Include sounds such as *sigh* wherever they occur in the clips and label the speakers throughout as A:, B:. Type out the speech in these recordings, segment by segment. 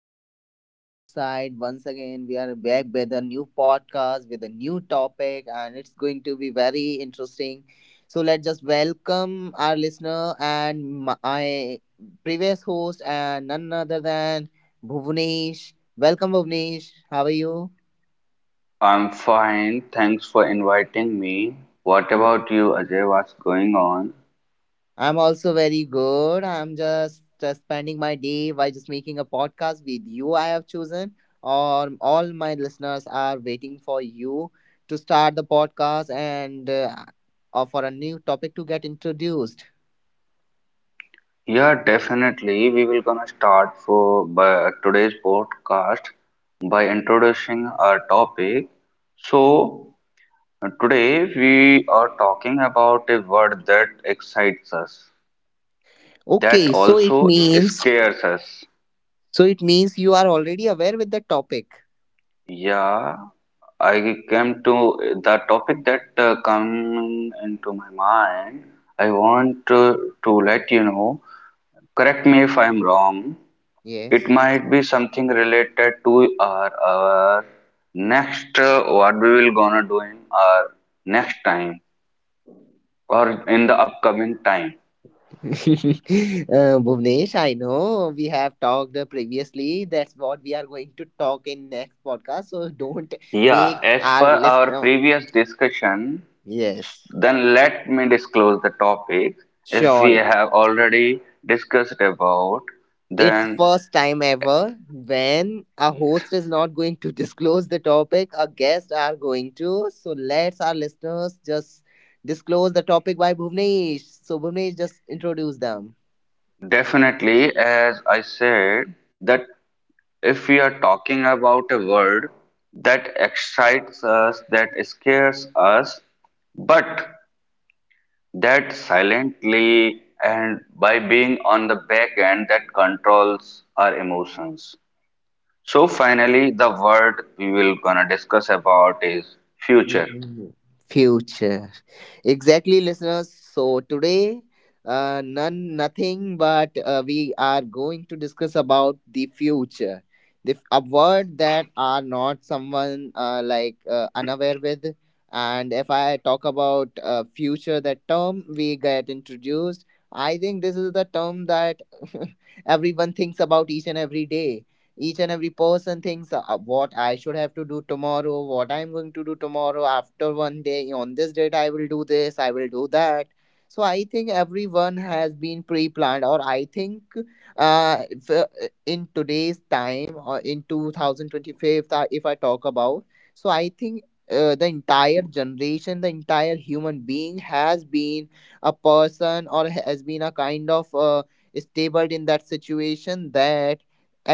A: listeners. Ajay this side. Once again, we are back with a new podcast with a new topic, and it's going to be very interesting. So, let's just welcome our listener and my previous host, and none other than Bhuvnesh. Welcome, Bhuvnesh. How are you?
B: I'm fine, thanks for inviting me. What about you, Ajay? What's going on?
A: I'm also very good. I'm just spending my day by just making a podcast with you. I have chosen, or all my listeners are waiting for you to start the podcast and or for a new topic to get introduced.
B: Yeah, definitely. We will gonna start for by today's podcast by introducing our topic. So today we are talking about a word that excites us, that
A: Okay, so it
B: also
A: means
B: scares us.
A: so it means you are already aware with the topic.
B: Yeah, I came to the topic that coming into my mind. I want to let you know, correct me if I'm wrong. It
A: Yes.
B: might be something related to our next what we will gonna do in our next time or in the upcoming time.
A: *laughs* Bhuvnesh, I know we have talked previously. That's what we are going to talk in next podcast. So don't
B: Yeah,
A: make
B: as
A: our
B: per
A: list
B: our previous discussion,
A: Yes,
B: then let me disclose the topic. If we
A: sure.
B: have already discussed about,
A: It's
B: then
A: first time ever when a
B: yes,
A: host is not going to *laughs* disclose the topic, a guest are going to. So let's our listeners just disclose the topic by Bhuvnesh. So Bhuvnesh just introduce them.
B: definitely, as I said, that if we are talking about a word that excites us, that scares us, but that silently and by being on the back end that controls our emotions. So finally, the word we will gonna discuss about is future.
A: Mhm. Future. Exactly, listeners. So today, none, nothing, but we are going to discuss about the future. A word that are not someone like unaware with. And if I talk about future, that term we get introduced. I think this is the term that *laughs* everyone thinks about each and every day, each and every person thinks, what I should have to do tomorrow, what I'm going to do tomorrow, after one day, on this date, I will do this, I will do that. So I think everyone has been pre-planned, or I think, if, in today's time or in 2025, if I talk about, so I think, the entire generation, the entire human being has been a person or has been a kind of, stable in that situation, that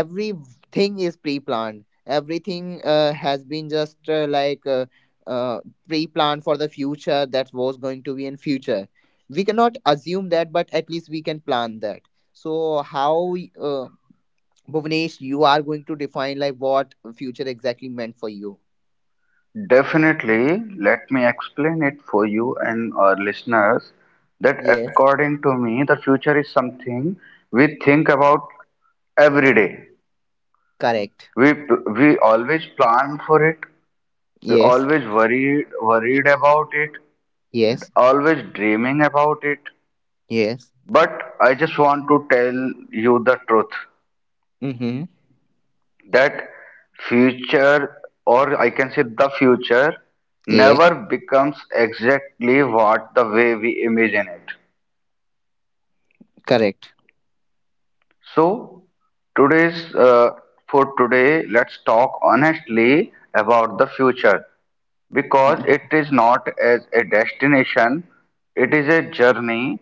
A: every thing is pre-planned, everything, has been just, like, uh, pre-planned for the future that was going to be in future. We cannot assume that, but at least we can plan that. So how, uh, Bhuvnesh, you are going to define like what future exactly meant for you?
B: Definitely, let me explain it for you and our listeners that
A: Yes.
B: according to me, the future is something we think about every day.
A: Correct.
B: We always plan for it. We
A: Yes.
B: always worried about it.
A: Yes.
B: Always dreaming about it.
A: Yes.
B: But I just want to tell you the truth
A: Mm-hmm.
B: that future or never
A: Yes.
B: becomes a clear picture what the imagine it.
A: Correct.
B: So today's for today, let's talk honestly about the future because it is not as a destination, it is a journey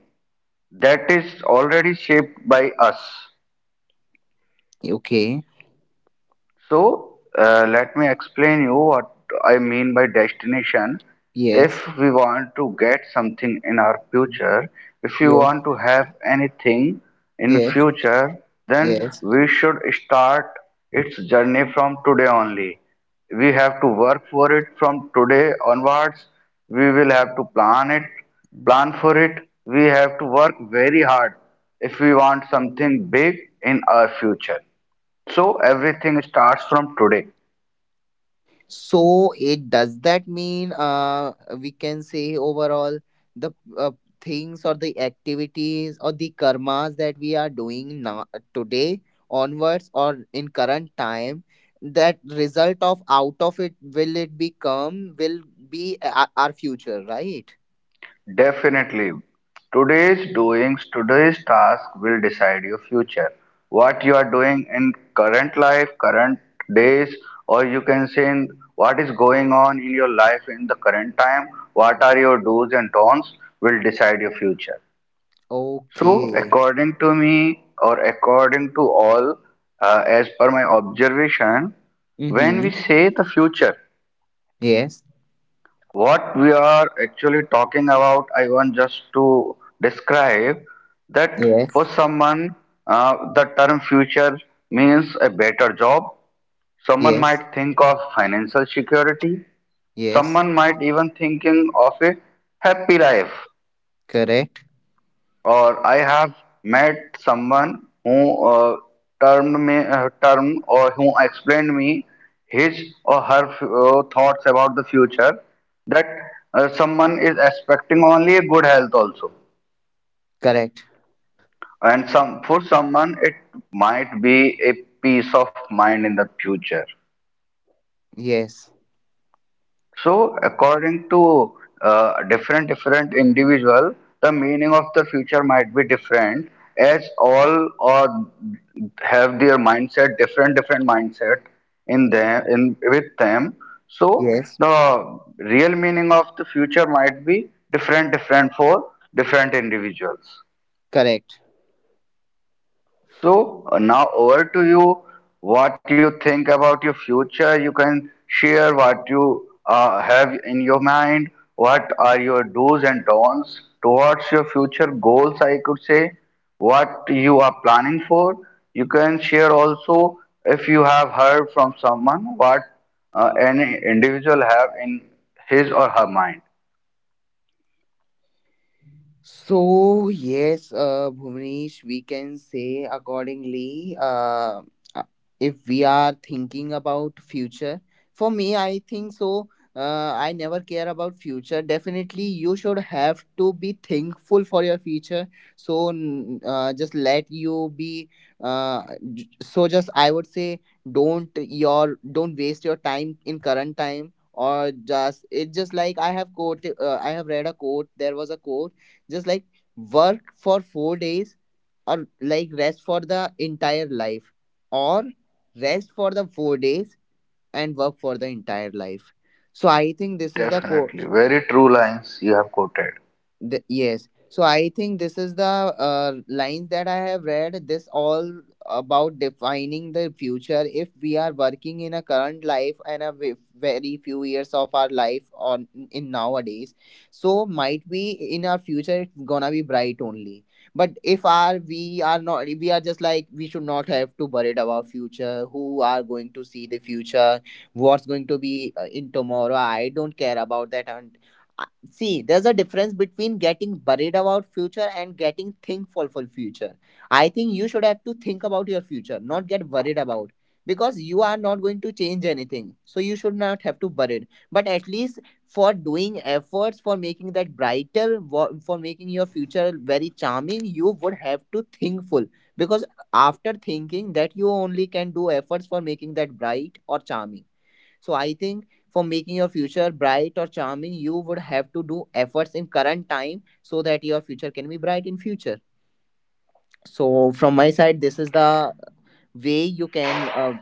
B: that is already shaped by us.
A: Okay.
B: So, let me explain you what I mean by destination. If
A: Yes.
B: we want to get something in our future, if you
A: Yes.
B: want to have anything in
A: Yes.
B: future, then
A: Yes.
B: we should start its journey from today only. We have to work for it from today onwards. We will have to plan it, plan for it. We have to work very hard if we want something big in our future. So everything starts from today.
A: So it does that mean, we can say overall the, uh, things or the activities or the karmas that we are doing now, today onwards or in current time, that result of out of it will it become, will be our future, right?
B: Definitely. Today's doings, today's task will decide your future. What you are doing in current life, current days, or you can say in what is going on in your life in the current time, what are your do's and don'ts will decide your future. So,
A: Okay.
B: according to me, or according to all, as per my observation, when we
A: Mm-hmm.
B: say the future,
A: Yes.
B: what we are actually talking about, I want just to describe that for
A: Yes.
B: someone, the term future means a better job. Someone
A: Yes.
B: might think of financial security.
A: Yes.
B: Someone might even thinking of a happy life
A: Correct.
B: or I have met someone who termed me term or who explained me his or her thoughts about the future that someone is expecting only a good health also
A: Correct.
B: and some for someone it might be a peace of mind in the future.
A: Yes.
B: So, according to different different individual, the meaning of the future might be different, as all or have their mindset different different mindset in them in with them. So,
A: Yes.
B: the real meaning of the future might be different different for different individuals.
A: Correct.
B: So now over to you. What you think about your future? You can share what you have in your mind. What are your do's and don'ts towards your future goals? I could say what you are planning for. You can share also if you have heard from someone what any individual have in his or her mind.
A: So yes, Bhuvnesh, we can say accordingly. Uh, if we are thinking about future, for me, I think so. I never care about future. Definitely, you should have to be thankful for your future. So, just let you be. Uh, just I would say, don't waste your time in current time, or just it just like I have quote. I have read a quote. There was a quote, just like, work for 4 days or like rest for the entire life, or rest for the 4 days and work for the entire life. So I think this is the core.
B: Definitely, very true lines you have quoted.
A: Yes. So I think this is the lines that I have read. This all about defining the future. If we are working in a current life and a very few years of our life on in nowadays, so might be in our future it's gonna be bright only. But if our we are not, we are just like we should not have to worried about future. Who are going to see the future? What's going to be in tomorrow? I don't care about that. And see, there's a difference between getting worried about future and getting thankful for future. I think you should have to think about your future, not get worried about, because you are not going to change anything, so you should not have to worried. But at least for doing efforts for making that brighter, for making your future very charming, you would have to thinkful. Because after thinking that, you only can do efforts for making that bright or charming. So I think, for making your future bright or charming, you would have to do efforts in current time so that your future can be bright in future. So from my side, this is the way you can,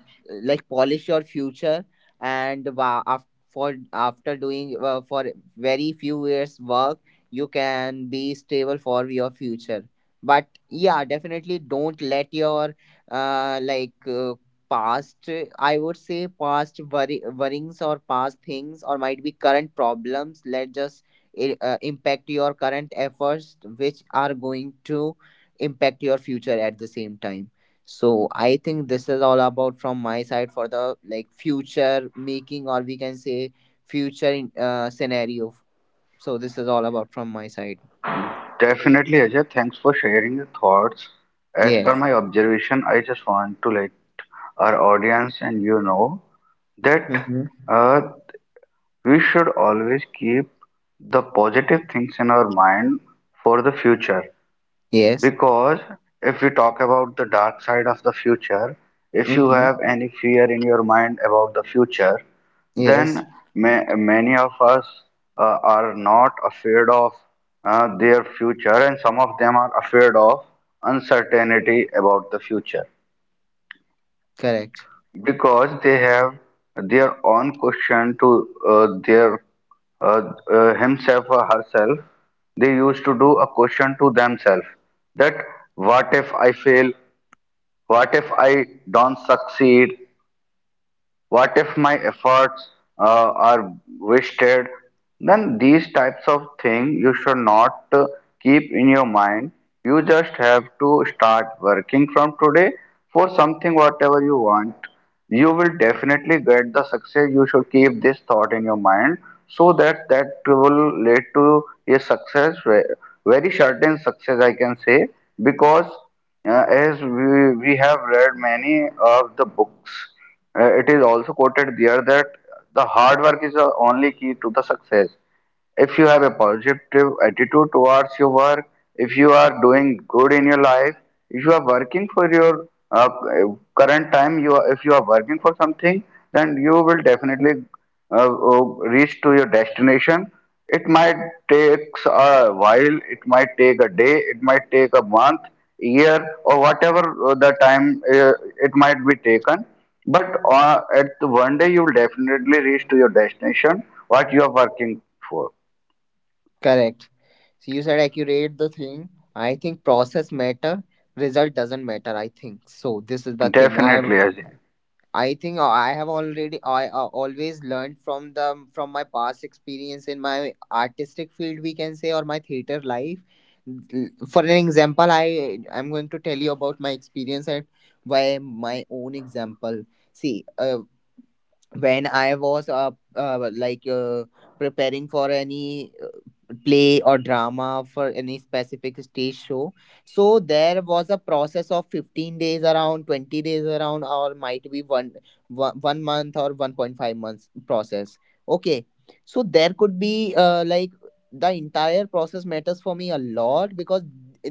A: like polish your future. And for after doing, for very few years work, you can be stable for your future. But yeah, definitely don't let your, like, past, I would say past worries or past things or might be current problems, let just impact your current efforts, which are going to impact your future at the same time. So I think this is all about from my side, for the like future making, or we can say future in, scenario. So this is all about from my side.
B: Definitely, Ajay. Thanks for sharing your thoughts. As per
A: Yes.
B: my observation, I just want to let our audience and you know that
A: Mm-hmm.
B: uh, we should always keep the positive things in our mind for the future.
A: Yes.
B: Because if we talk about the dark side of the future, if you
A: Mm-hmm.
B: have any fear in your mind about the future,
A: Yes.
B: then ma many of us are not afraid of their future, and some of them are afraid of uncertainty about the future
A: Correct.
B: because they have their own question to their himself or herself. They used to do a question to themselves that what if I fail? What if I don't succeed? What if my efforts are wasted? Then these types of thing you should not keep in your mind. You just have to start working from today for something whatever you want. You will definitely get the success. You should keep this thought in your mind so that that will lead to a very certain success, I can say. Because we have read many of the books. It is also quoted there that the hard work is the only key to the success. If you have a positive attitude towards your work, if you are doing good in your life, if you are working for your current time, if you are working for something, then you will definitely uh, uh, reach to your destination. It might take a while, it might take a day, it might take a month, year, or whatever the time it might be taken. But at the one day, you will definitely reach to your destination, what you are working for.
A: Correct. So you said accurate the thing. I think process matter, result doesn't matter, I think so. This is the thing I have.
B: Definitely, Ajay.
A: I think, I have already, I always learned from the from my past experience in my artistic field, we can say, or my theater life. For an example, I'm going to tell you about my experience at by my own example. See, when I was, like, preparing for any play or drama for any specific stage show. So there was a process of 15 days around, 20 days around, or might be one month or 1.5 months process. Okay. So there could be, like, the entire process matters for me a lot, because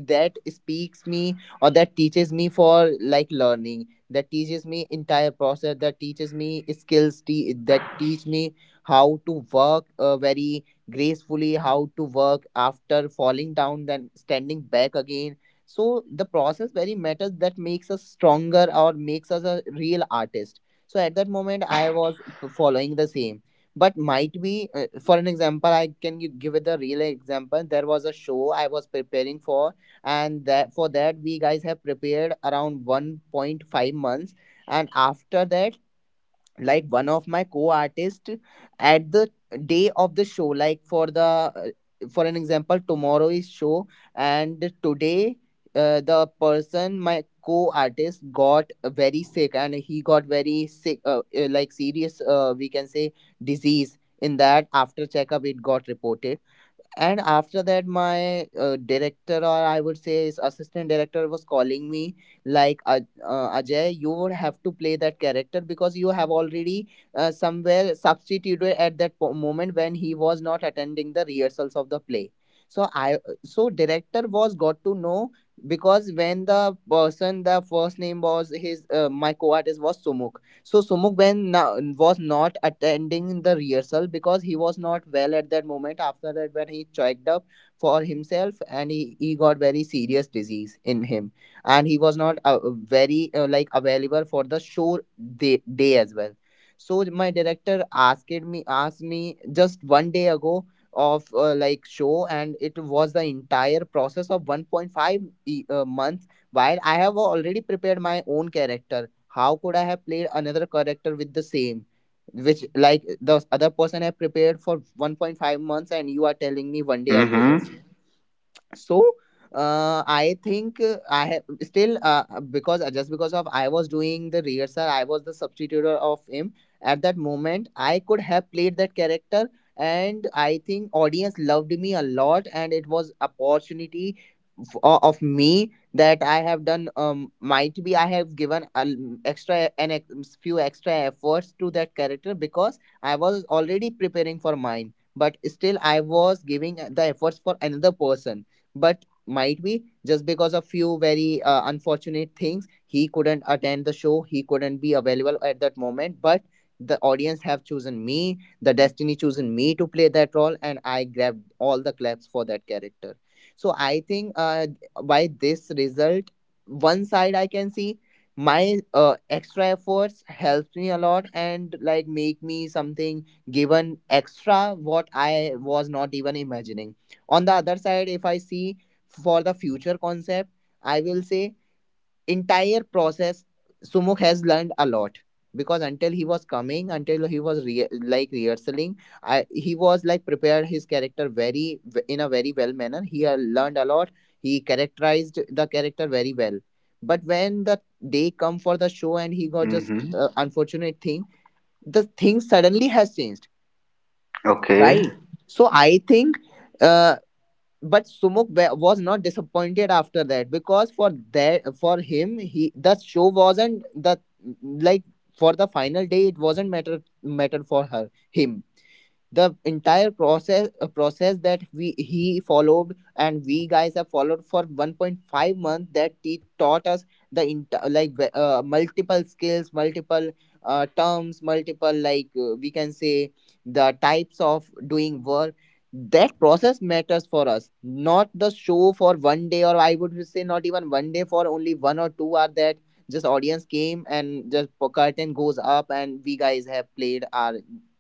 A: that speaks me, or that teaches me, for like learning, that teaches me entire process, that teaches me skills, that teach me how to work, very gracefully, how to work after falling down then standing back again. So the process very matters, that makes us stronger or makes us a real artist. So at that moment I was following the same, but might be, for an example, I can give it a real example. There was a show I was preparing for, and that for that we guys have prepared around 1.5 months. And after that, like, one of my co-artists at the day of the show, like, for the, for an example, tomorrow is show, and today, the person my co-artist got very sick, and he got very sick, like, serious, we can say, disease in that, after checkup it got reported. And after that, my, director, or I would say his assistant director, was calling me, like, Ajay, you would have to play that character, because you have already, somewhere substituted at that moment when he was not attending the rehearsals of the play. So I so director was got to know, because when the person, the first name was his, my co-artist was Sumuk. So Sumuk when was not attending the rehearsal, because he was not well at that moment. After that, when he checked up for himself, and he got very serious disease in him, and he was not, very, like, available for the show day as well. So my director asked me just one day ago of, like, show, and it was the entire process of 1.5 month, while I have already prepared my own character. How could I have played another character with the same, which like the other person have prepared for 1.5 months, and you are telling me one day ago
B: Mm-hmm.
A: just. So, I think, I have still, because, just because of I was doing the rehearsal, I was the substitute of him, at that moment I could have played that character. And I think audience loved me a lot, and it was opportunity of me that I have done, might be I have given an extra, few extra efforts to that character, because I was already preparing for mine, but still I was giving, the efforts for another person. But might be just because of few very, unfortunate things, he couldn't attend the show, he couldn't be available at that moment. But the audience have chosen me, the destiny chosen me to play that role, and I grabbed all the claps for that character. So I think, by this result, one side I can see my, extra efforts helped me a lot, and like make me something, given extra what I was not even imagining. On the other side, if I see for the future concept, I will say entire process Sumuk has learned a lot because until he was coming until he was like rehearsing he was like prepared his character very in a very well manner. He had learned a lot. He characterized the character very well. But when the day come for the show, and he got just
B: Mm-hmm.
A: unfortunate thing, the thing suddenly has changed,
B: Okay.
A: right? So I think uh, but Sumuk was not disappointed after that, because for that, for him, he the show wasn't the, like, for the final day it wasn't matter for her him. The entire process, process that we he followed and we guys have followed for 1.5 months, that he taught us the like multiple skills, multiple terms, multiple, like, we can say the types of doing work, that process matters for us, not the show for 1 day. Or I would say not even 1 day, for only one or two are that, just audience came, and just curtain goes up and we guys have played our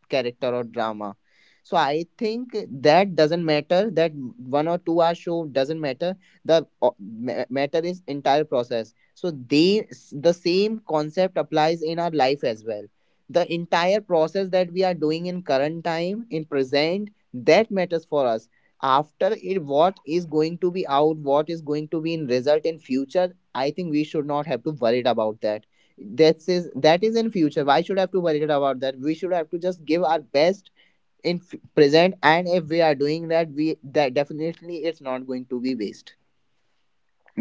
A: character or drama. So I think that doesn't matter, that one or two-hour show doesn't matter. The matter is entire process. So they the same concept applies in our life as well. The entire process that we are doing in current time, in present, that matters for us. After it, what is going to be out, what is going to be in result in future, I think we should not have to worried about that. That is, that is in future. Why should I have to worry about that? We should have to just give our best in present, and if we are doing that, we that definitely it's not going to be waste.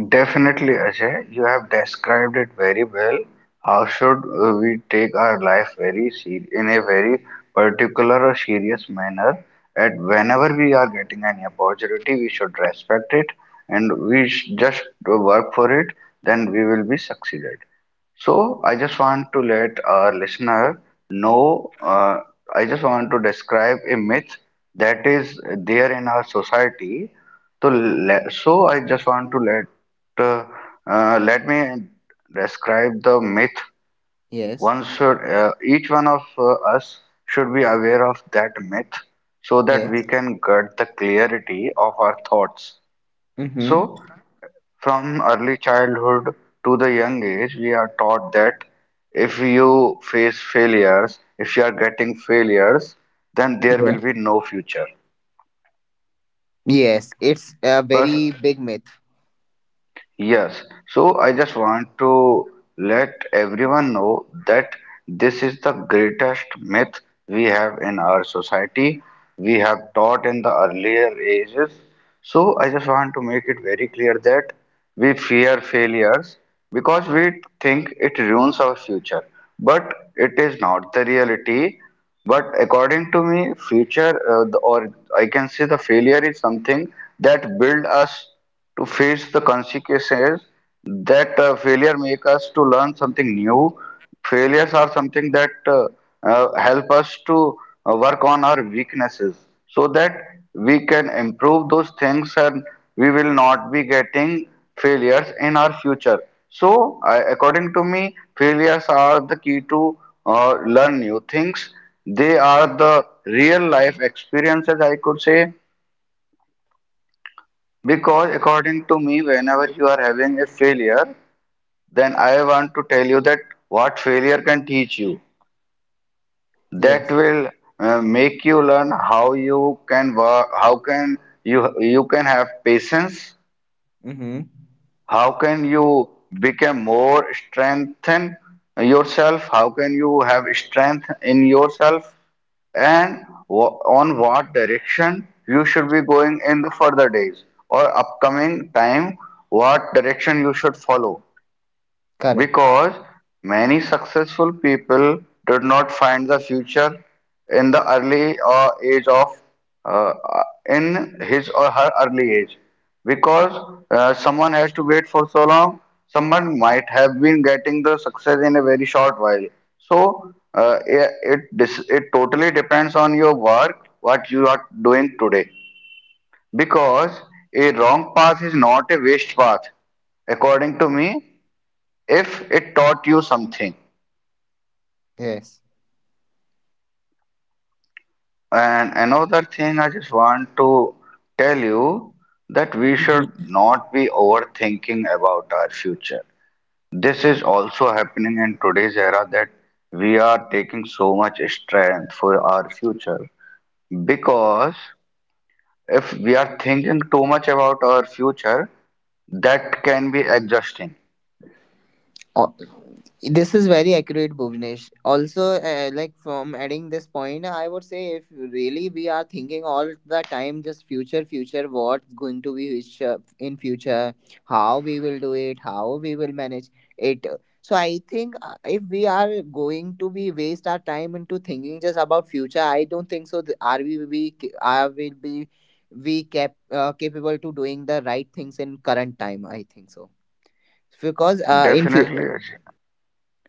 B: Definitely, Ajay, you have described it very well. How should we take our life in a very particular or serious manner? And whenever we are getting any opportunity, we should respect it and just work for it. Then we will be succeeded. So I just want to let our listener know, I just want to describe a myth that is there in our society. So I just want to let uh, let me describe the myth.
A: Yes.
B: One should each one of us should be aware of that myth so that
A: Yes.
B: we can get the clarity of our thoughts.
A: Mm-hmm.
B: So, from early childhood to the young age, we are taught that if you face failures, if you are getting failures, then there
A: Yeah.
B: will be no future.
A: Yes, it's a very
B: But
A: big myth.
B: yes, so I just want to let everyone know that this is the greatest myth we have in our society. We have taught in the earlier ages. So I just want to make it very clear that we fear failures because we think it ruins our future. But it is not the reality. But according to me, future the- or I can say the failure is something that build us to face the consequences, that failure make us to learn something new. Failures are something that help us to work on our weaknesses so that we can improve those things and we will not be getting failures in our future. So I, according to me, failures are the key to learn new things. They are the real life experiences, I could say. Because according to me, whenever you are having a failure, then I want to tell you that what failure can teach you. That
A: Yes.
B: will make you learn how you can work, how can you you can have patience,
A: Mm-hmm.
B: how can you become more strengthen yourself, how can you have strength in yourself, and on what direction you should be going in the further days or upcoming time, what direction you should follow.
A: Correct.
B: Because many successful people did not find the future in the early age of uh, uh, in his or her early age. Because someone has to wait for so long, someone might have been getting the success in a very short while. So it totally depends on your work, what you are doing today. Because a wrong path is not a waste path, according to me, if it taught you something.
A: Yes.
B: And another thing I just want to tell you that we should not be overthinking about our future. This is also happening in today's era that we are taking so much strength for our future because if we are thinking too much about our future, that can be exhausting.
A: Oh, this is very accurate, Bhuvnesh. Also, like, from adding this point, I would say if really we are thinking all the time, just future, future, what's going to be which, in future, how we will do it, how we will manage it. So I think if we are going to be waste our time into thinking just about future, I don't think so. Are we are will be we capable to doing the right things in current time? I think so, because in
B: Definitely,
A: future,
B: Ajay.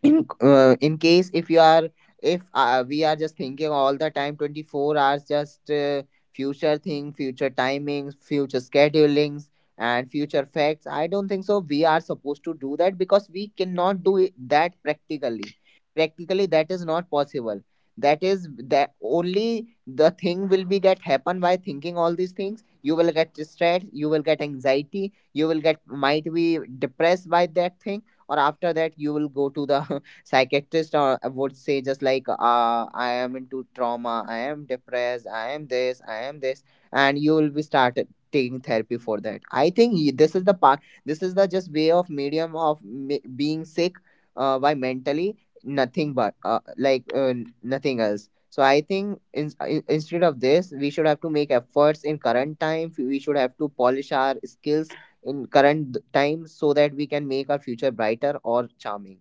A: in case if you are, if we are just thinking all the time 24 hours, just future thing, future timings, future schedulings and future facts, I don't think so we are supposed to do that, because we cannot do it, that practically. Practically that is not possible. That is, that only the thing will be get happen by thinking all these things. You will get stressed, you will get anxiety, you will get, might be, depressed by that thing. Or after that you will go to the *laughs* psychiatrist, or I would say, just like, I am into trauma, I am depressed, I am this, I am this, and you will be started taking therapy for that. I think this is the part, this is the just way of medium of being sick by mentally, nothing, but like nothing else. So I think instead of this, we should have to make efforts in current time, we should have to polish our skills in current times, so that we can make our future brighter or charming.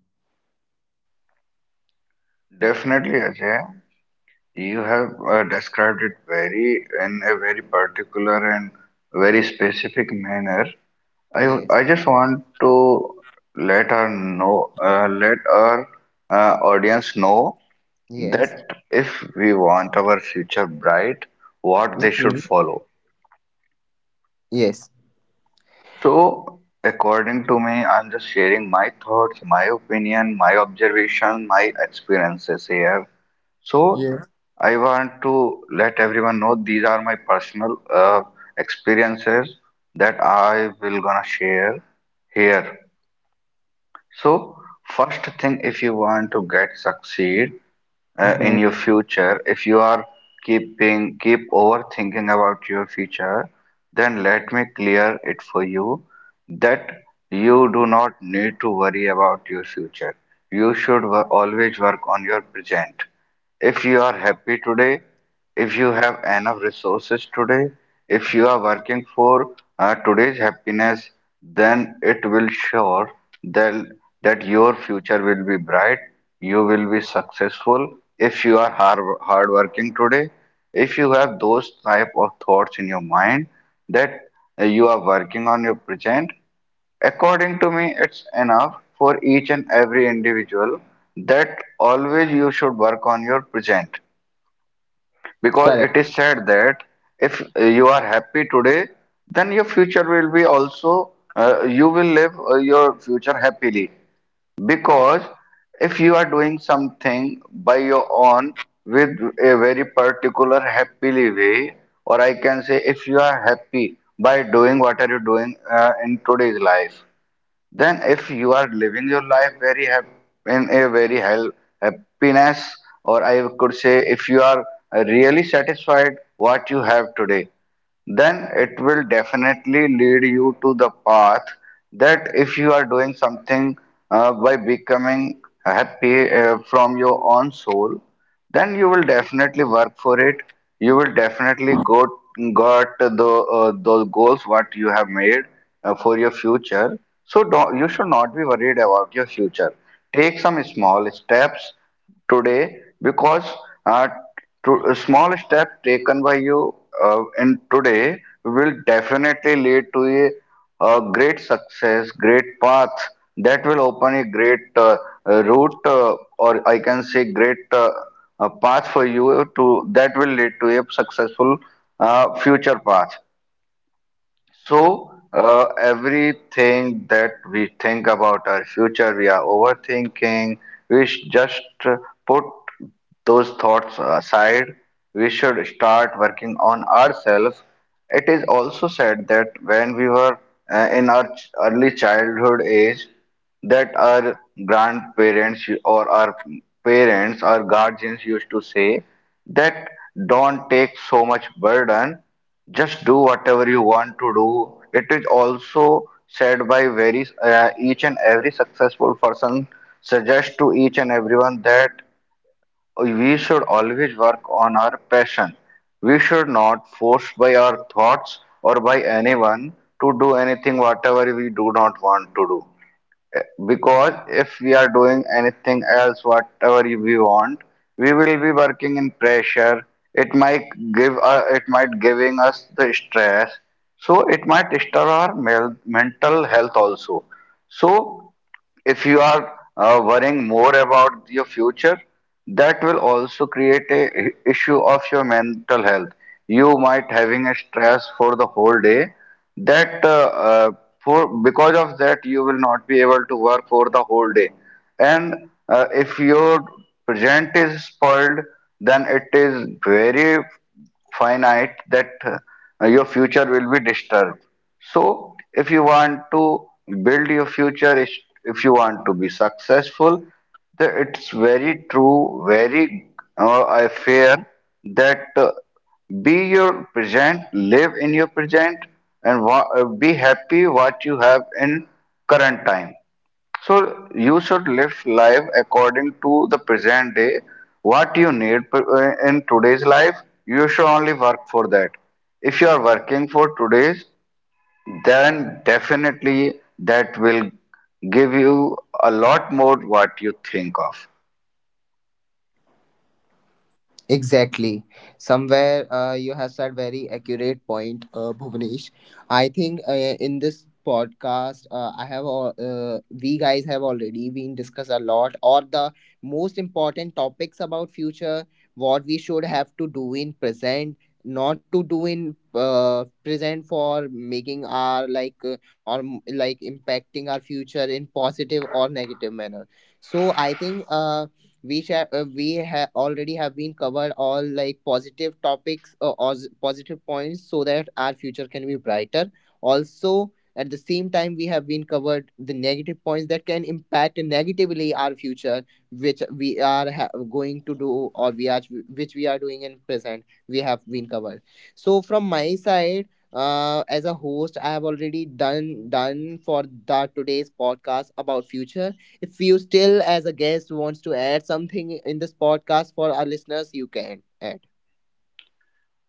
B: Definitely, Ajay. You have described it very in a very particular and very specific manner.
A: Yes.
B: I just want to let her know, let our audience know
A: Yes.
B: that if we want our future bright, what they should
A: Mhm.
B: follow.
A: Yes.
B: So, according to me, I'm just sharing my thoughts, my opinion, my observation, my experiences here. So
A: Yes.
B: I want to let everyone know these are my personal experiences that I will gonna share here. So first thing, if you want to get succeed,
A: Hmm.
B: in your future, if you are keep overthinking about your future, then let me clear it for you that you do not need to worry about your future. You should always work on your present. If you are happy today, if you have enough resources today, if you are working for today's happiness, then it will sure that, that your future will be bright. You will be successful if you are hardworking today. If you have those type of thoughts in your mind that you are working on your present, according to me, it's enough for each and every individual that always you should work on your present because it
A: Correct.
B: is said that if you are happy today, then your future will be also you will live your future happily, because if you are doing something by your own with a very particular happily way, or I can say if you are happy by doing what are you doing in today's life, then if you are living your life in a very hell happiness, or I could say if you are really satisfied what you have today, then it will definitely lead you to the path that if you are doing something by becoming happy from your own soul, then you will definitely work for it. You will definitely go got the those goals what you have made for your future. So don't, you should not be worried about your future. Take some small steps today because uh, a small step taken by you in today will definitely lead to a great success, great path that will open a great route or I can say great path for you to that will lead to a successful future path. So, everything that we think about our future, we are overthinking. We should just put those thoughts aside. We should start working on ourselves. It is also said that when we were in our early childhood age, that our grandparents or our parents or guardians used to say that don't take so much burden, just do whatever you want to do. It is also said by very each and every successful person suggests to each and everyone that we should always work on our passion. We should not forced by our thoughts or by anyone to do anything whatever we do not want to do, because if we are doing anything else, whatever we want, we will be working in pressure. It might give it might giving us the stress, so it might disturb our mental health also. So if you are worrying more about your future, that will also create a issue of your mental health. You might having a stress for the whole day. That uh, for Because of that you will not be able to work for the whole day. And if your present is spoiled, then it is very finite that your future will be disturbed. So, if you want to build your future, if you want to be successful, it's very true, very I fear that be your present, live in your present, and be happy what you have in current time. So you should live life according to the present day. What you need in today's life, you should only work for that. If you are working for today's, then definitely that will give you a lot more what you think of.
A: Exactly. Somewhere you have said very accurate point, Bhuvnesh. I think in this podcast, I have we guys have already been discussed a lot, or the most important topics about future, what we should have to do in present, not to do in present, for making our like or like impacting our future in positive or negative manner. So I think. We share we have already have been covered all like positive topics positive points, so that our future can be brighter also. At the same time, we have been covered the negative points that can impact negatively our future, which we are going to do, or we are, which we are doing in present, we have been covered. So from my side, as a host, I have already done for the today's podcast about future. If you still, as a guest, wants to add something in this podcast for our listeners, you can add.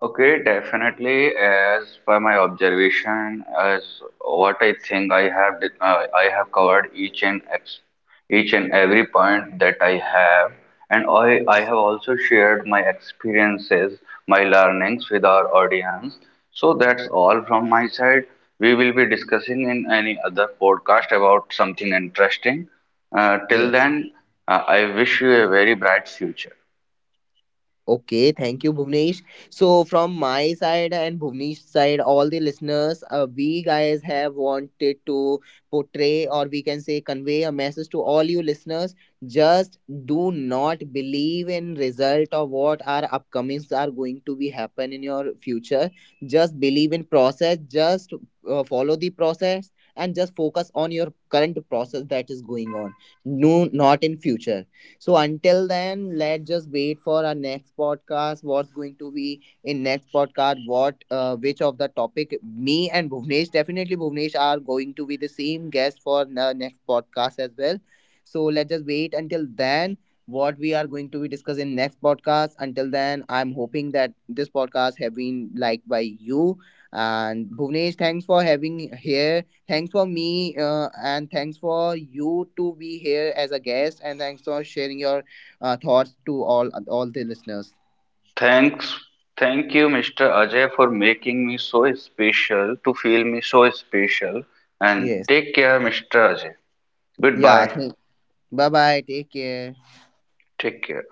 B: Okay, definitely. As per my observation, as what I think I have covered each and every point that I have, and I
A: Yes.
B: have also shared my experiences, my learnings with our audience. So that's all from my side. We will be discussing in any other podcast about something interesting. Till
A: Yes.
B: then, I wish you a very bright future.
A: Okay, thank you, Bhuvnesh. So, from my side and Bhuvnesh's side, all the listeners, we guys have wanted to portray, or we can say, convey a message to all you listeners. Just do not believe in result of what our upcomings are going to be happen in your future. Just believe in process. Just follow the process and just focus on your current process that is going on. No, not in future. So until then, let's just wait for our next podcast. What's going to be in next podcast? What which of the topic? Me and Bhuvnesh definitely Bhuvnesh are going to be the same guest for the next podcast as well. So let's just wait until then, what we are going to be discussing next podcast. Until then, I'm hoping that this podcast have been liked by you. And Bhuvnesh, thanks for having here, thanks for me, and thanks for you to be here as a guest, and thanks for sharing your thoughts to all the listeners.
B: Thanks, thank you, Mr. Ajay, for making me so special, to feel me so special. And
A: Yes.
B: take care, Mr. Ajay.
A: yeah
B: Goodbye.
A: thank- Bye bye, take care.
B: Take care.